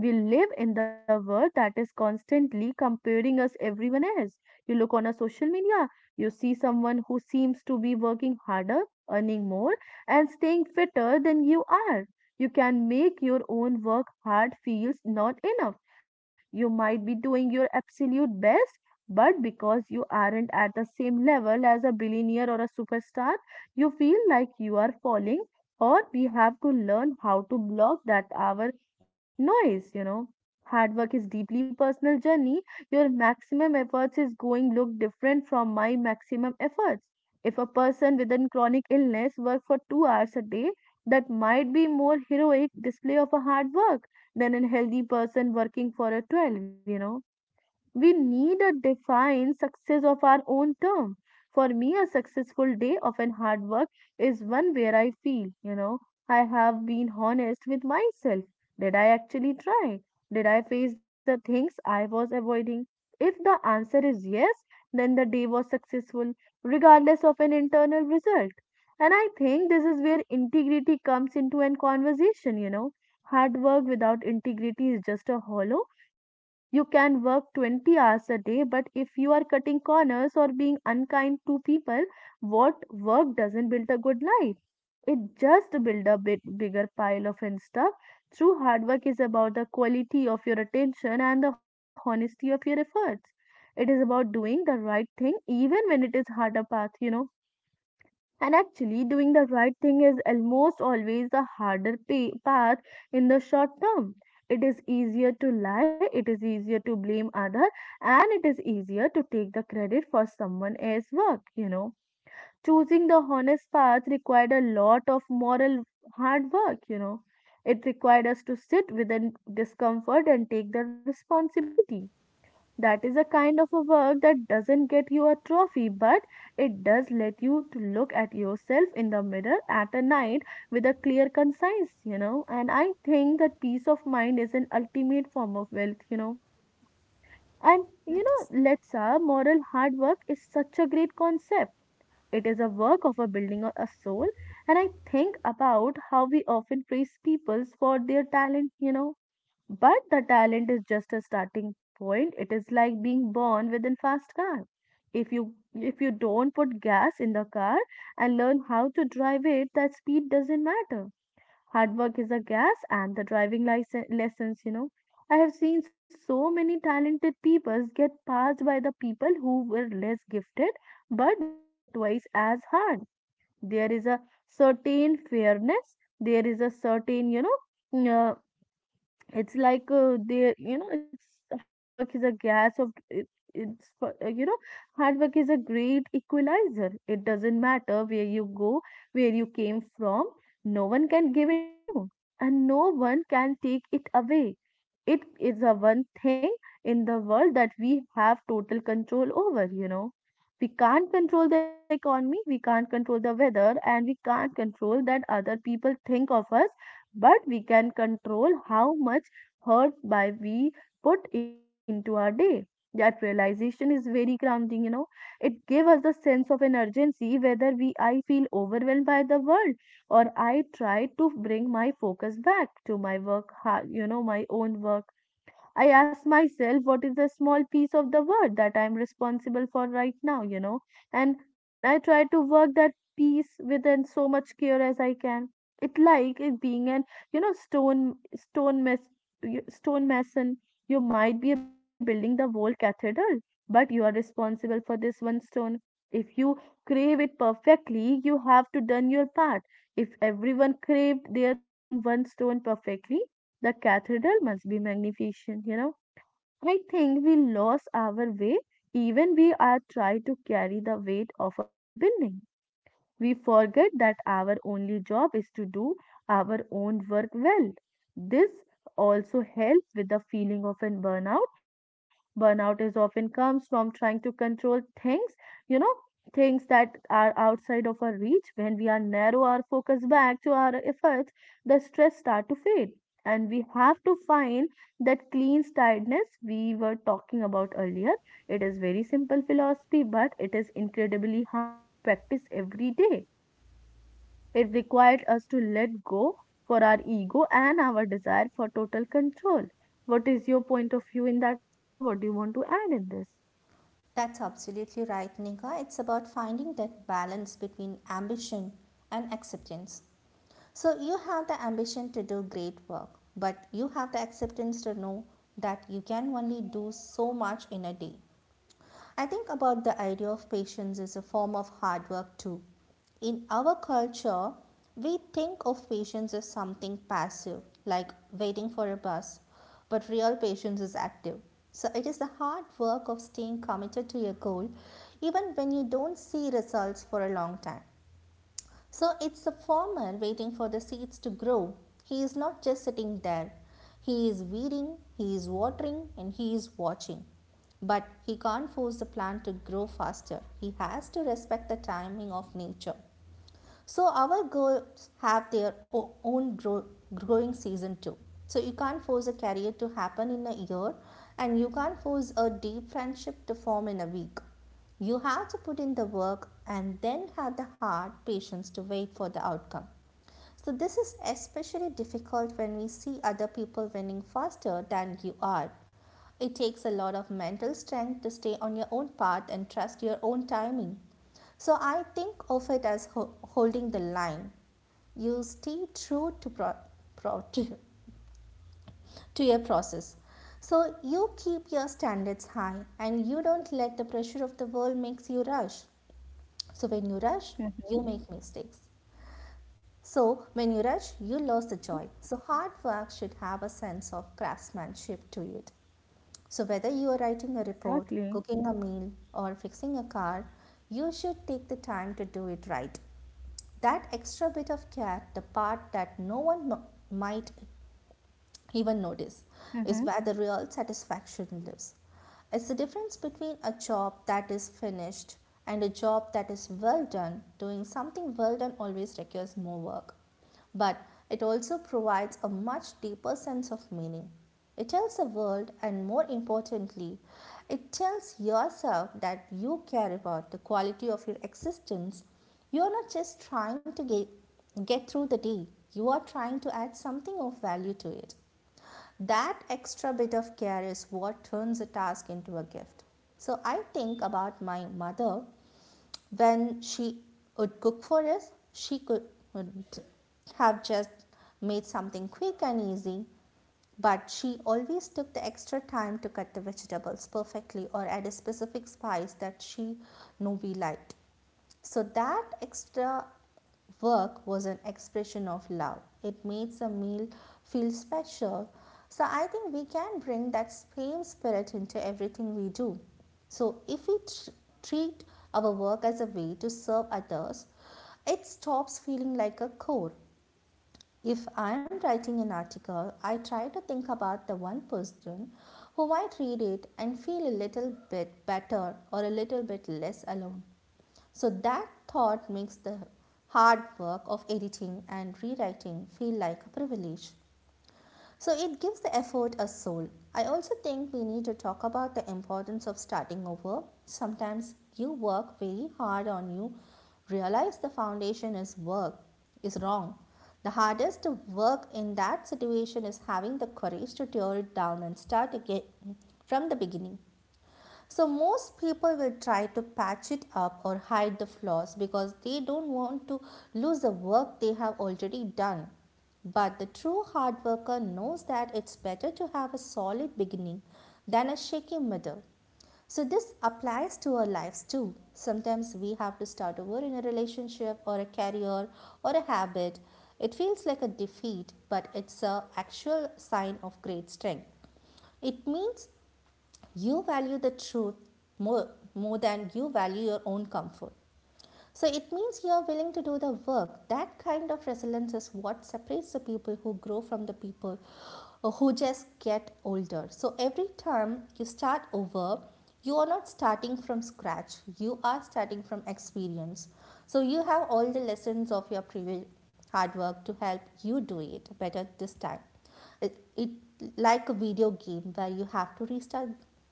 A: We live in the world that is constantly comparing us everyone else. You look on a social media, you see someone who seems to be working harder, earning more, and staying fitter than you are. You can make your own work hard feels not enough. You might be doing your absolute best, but because you aren't at the same level as a billionaire or a superstar, you feel like you are falling or we have to learn how to block that our noise, you know. Hard work is deeply personal journey, your maximum efforts is going look different from my maximum efforts. If a person with a chronic illness work for 2 hours a day that might be more heroic display of a hard work than a healthy person working for a 12, you know, we need a defined success of our own term. For me, a successful day of an hard work is one where I feel, you know, I have been honest with myself. Did I actually try? Did I face the things I was avoiding? If the answer is yes, then the day was successful, regardless of an internal result. And I think this is where integrity comes into an conversation, you know. Hard work without integrity is just a hollow. You can work 20 hours a day, but if you are cutting corners or being unkind to people, what work doesn't build a good life? It just builds a bit bigger pile of and stuff. True hard work is about the quality of your attention and the honesty of your efforts. It is about doing the right thing even when it is harder path, you know, and actually, doing the right thing is almost always the harder path in the short term. It is easier to lie, it is easier to blame other, and it is easier to take the credit for someone else's work. Choosing the honest path required a lot of moral hard work. It required us to sit with the discomfort and take the responsibility that is a kind of a work that doesn't get you a trophy, but it does let you to look at yourself in the mirror at a night with a clear conscience. And I think that peace of mind is an ultimate form of wealth. And you know,
B: That's,
A: let's Moral hard work is such a great concept. It is a work of a building a soul, and I think about how we often praise people for their talent, but the talent is just a starting point. It is like being born with a fast car. If you don't put gas in the car and learn how to drive it, that speed doesn't matter. Hard work is a gas and the driving license lessons. I have seen so many talented people get passed by the people who were less gifted but worked twice as hard. There is a certain fairness, there is a uh, it's like they you know it's hard work is a gas of it, it's for- you know Hard work is a great equalizer. It doesn't matter where you go, where you came from. No one can give it to you and no one can take it away. It is the one thing in the world that we have total control over. We can't control the economy, we can't control the weather, and we can't control that other people think of us, but we can control how much hurt by we put into our day. That realization is very grounding. It gave us the sense of an urgency whether we I feel overwhelmed by the world or I try to bring my focus back to my work, my own work. I ask myself, what is the small piece of the world that I am responsible for right now, you know? And then I try to work that piece with within so much care as I can. It like it being an, you know, stone stone mess stone mason. You might be building the whole cathedral, but you are responsible for this one stone. If you crave it perfectly, you have to done your part. If everyone craved their own one stone perfectly, the cathedral must be magnificent. I think we lost our way even we are trying to carry the weight of a whole building. We forget that our only job is to do our own work well. This also helps with the feeling of an burnout. Burnout is often comes from trying to control you know, things that are outside of our reach. When we are narrow our focus back to our efforts, the stress start to fade. And we have to find that clean tiredness we were talking about earlier. It is very simple philosophy, but it is incredibly hard to practice every day. It required us to let go for our ego and our desire for total control. What is your point of view in that, Letsa? What do you want to add in this?
B: that's absolutely right, Neha. It's about finding that balance between ambition and acceptance. So you have the ambition to do great work, but you have the acceptance to know that you can only do so much in a day. I think about the idea of patience as a form of hard work too. In our culture, we think of patience as something passive, like waiting for a bus, but real patience is active. So it is the hard work of staying committed to your goal even when you don't see results for a long time. So it's the farmer waiting for the seeds to grow. He is not just sitting there. He is weeding, he is watering, and he is watching. But he can't force the plant to grow faster. He has to respect the timing of nature. So our goals have their own grow- growing season too. So you can't force a career to happen in a year and you can't force a deep friendship to form in a week. You have to put in the work and then have the heart patience to wait for the outcome. So, this is especially difficult when we see other people winning faster than you are. It takes a lot of mental strength to stay on your own path and trust your own timing. So, I think of it as holding the line. You stay true pro- to, to your process. So, you keep your standards high and you don't let the pressure of the world makes you rush. So, when you rush,
A: Mm-hmm.
B: you make mistakes. So, when you rush, you lose the
A: Mm-hmm.
B: joy. So, hard work should have a sense of craftsmanship to it. So, whether you are writing a report,
A: Exactly.
B: cooking a meal, or fixing a car, you should take the time to do it right. That extra bit of care, the part that no one m- might even notice is
A: Mm-hmm.
B: where the real satisfaction lives. It's the difference between a job that is finished and a job that is well done. Doing something well done always requires more work, but it also provides a much deeper sense of meaning. It tells the world, and more importantly, it tells yourself that you care about the quality of your existence. You are not just trying to get through the day, you are trying to add something of value to it. That extra bit of care is what turns a task into a gift. So I think about my mother when she would cook for us, she could would have just made something quick and easy, but she always took the extra time to cut the vegetables perfectly or add a specific spice that she knew we liked. So that extra work was an expression of love. It made the meal feel special. So I think we can bring that same spirit into everything we do. So if we treat our work as a way to serve others, it stops feeling like a chore. If I am writing an article, I try to think about the one person who might read it and feel a little bit better or a little bit less alone. So that thought makes the hard work of editing and rewriting feel like a privilege. So it gives the effort a soul. I also think we need to talk about the importance of starting over. Sometimes you work very hard on you, realize the foundation is work is wrong. The hardest work in that situation is having the courage to tear it down and start again from the beginning. So, most people will try to patch it up or hide the flaws because they don't want to lose the work they have already done. But the true hard worker knows that it's better to have a solid beginning than a shaky middle. So, this applies to our lives too. Sometimes we have to start over in a relationship or a career or a habit. It feels like a defeat, but it's a actual sign of great strength. It means you value the truth more, more than you value your own comfort. So it means you are willing to do the work. That kind of resilience is what separates the people who grow from the people who just get older. So every time you start over, you are not starting from scratch, you are starting from experience. So you have all the lessons of your previous hard work to help you do it better this time. It like a video game where you have to restart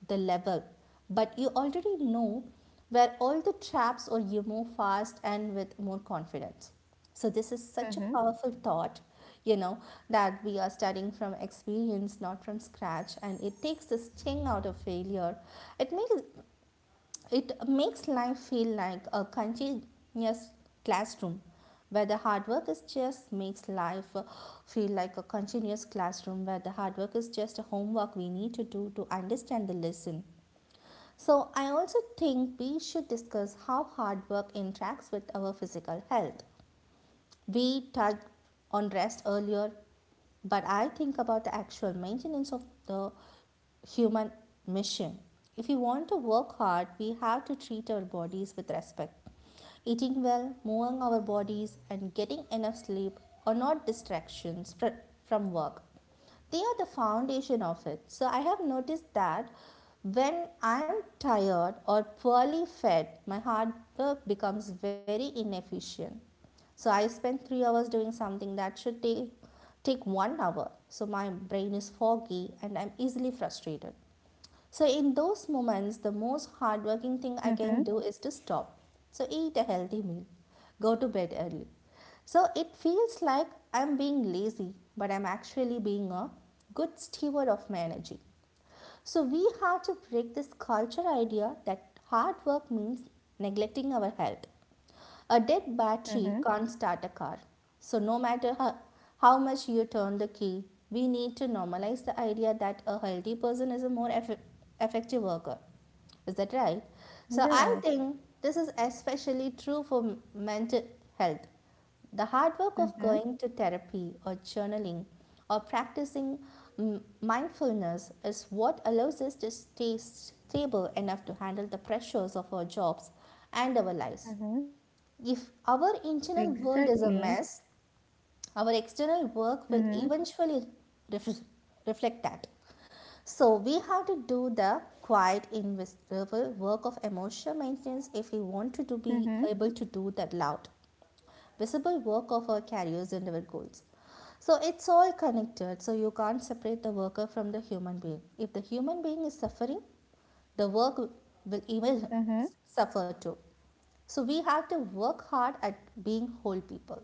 B: the level, but you already know where all the traps or you move fast and with more confidence. So this is such a
A: Mm-hmm.
B: powerful thought, you know, that we are starting from experience not from scratch, and it takes the sting out of failure. it makes it makes life feel like a continuous classroom where the hard work is just makes life feel like a continuous classroom where the hard work is just a homework we need to do to understand the lesson. So, I also think we should discuss how hard work interacts with our physical health. We touched on rest earlier, but I think about the actual maintenance of the human mission. If we want to work hard, we have to treat our bodies with respect. Eating well, moving our bodies, and getting enough sleep are not distractions from work. They are the foundation of it. So I have noticed that when I'm tired or poorly fed, my hard work becomes very inefficient. So I spend 3 hours doing something that should take 1 hour. So my brain is foggy and I'm easily frustrated. So in those moments, the most hardworking thing I
A: Mm-hmm.
B: can do is to stop. So eat a healthy meal, go to bed early. So it feels like I'm being lazy, but I'm actually being a good steward of my energy. So we have to break this culture idea that hard work means neglecting our health. A dead
A: Mm-hmm.
B: battery can't start a car. So, no matter how much you turn the key, we need to normalize the idea that a healthy person is a more effective worker. Is that right? So, I
A: Yeah.
B: think this is especially true for mental health. The hard work of
A: Mm-hmm.
B: going to therapy or journaling or practicing mindfulness is what allows us to stay stable enough to handle the pressures of our jobs and our lives.
A: Mm-hmm.
B: If our internal world is a
A: Exactly.
B: mess, our external work will
A: Mm-hmm.
B: eventually ref- reflect that. So we have to do the quiet, invisible work of emotional maintenance if we want to be
A: Mm-hmm.
B: able to do that loud visible work of our careers and our goals. So it's all connected, so you can't separate the worker from the human being. If the human being is suffering, the work will even
A: Mm-hmm.
B: suffer too. So we have to work hard at being whole people.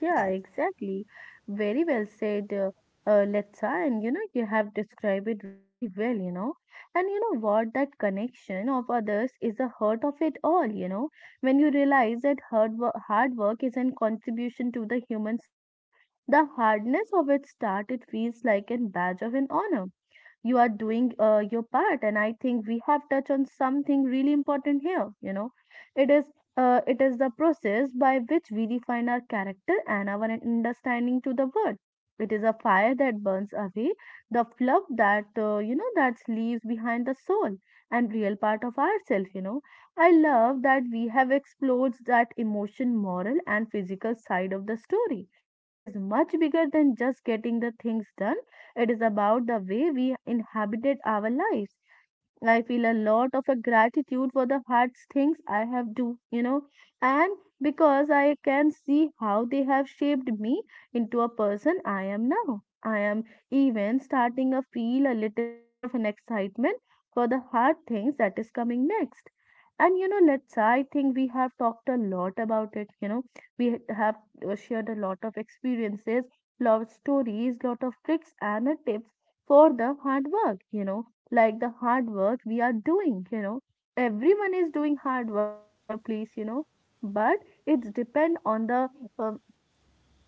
A: Yeah,
B: That's
A: exactly. Very well said, Letsa. And you know, you have described it really well, you know. And you know what? That connection of others is the heart of it all, you know. When you realize that hard work is a contribution to the human story, the hardness of its start, it feels like a badge of an honor. You are doing your part, and I think we have touched on something really important here, you know. It is uh, it is the process by which we define our character and our understanding to the world. It is a fire that burns away the fluff that you know that leaves behind the soul and real part of ourself, you know. I love that we have explored that emotion moral and physical side of the story. It is much bigger than just getting the things done. It is about the way we inhabited our lives. I feel a lot of a gratitude for the hard things I have do, you know, and because I can see how they have shaped me into a person I am now. I am even starting to feel a little bit of an excitement for the hard things that is coming next. And you know, let's, I think we have talked a lot about it. You know, we ha- have shared a lot of experiences, lot of stories, lot of tricks and tips for the hard work. You know, like the hard work we are doing, you know, everyone is doing hard work in their place, you know. But it's depend on the um,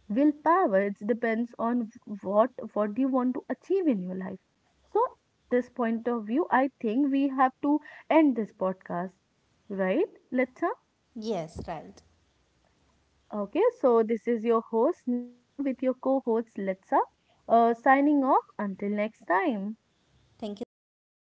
A: willpower. It depends on what you want to achieve in your life. So at this point of view, I think we have to end this podcast, right, Letsa?
B: yes, right.
A: Okay, so this is your host Neha with your co-host Letsa, signing off until next time.
B: Thank you so much, Neha.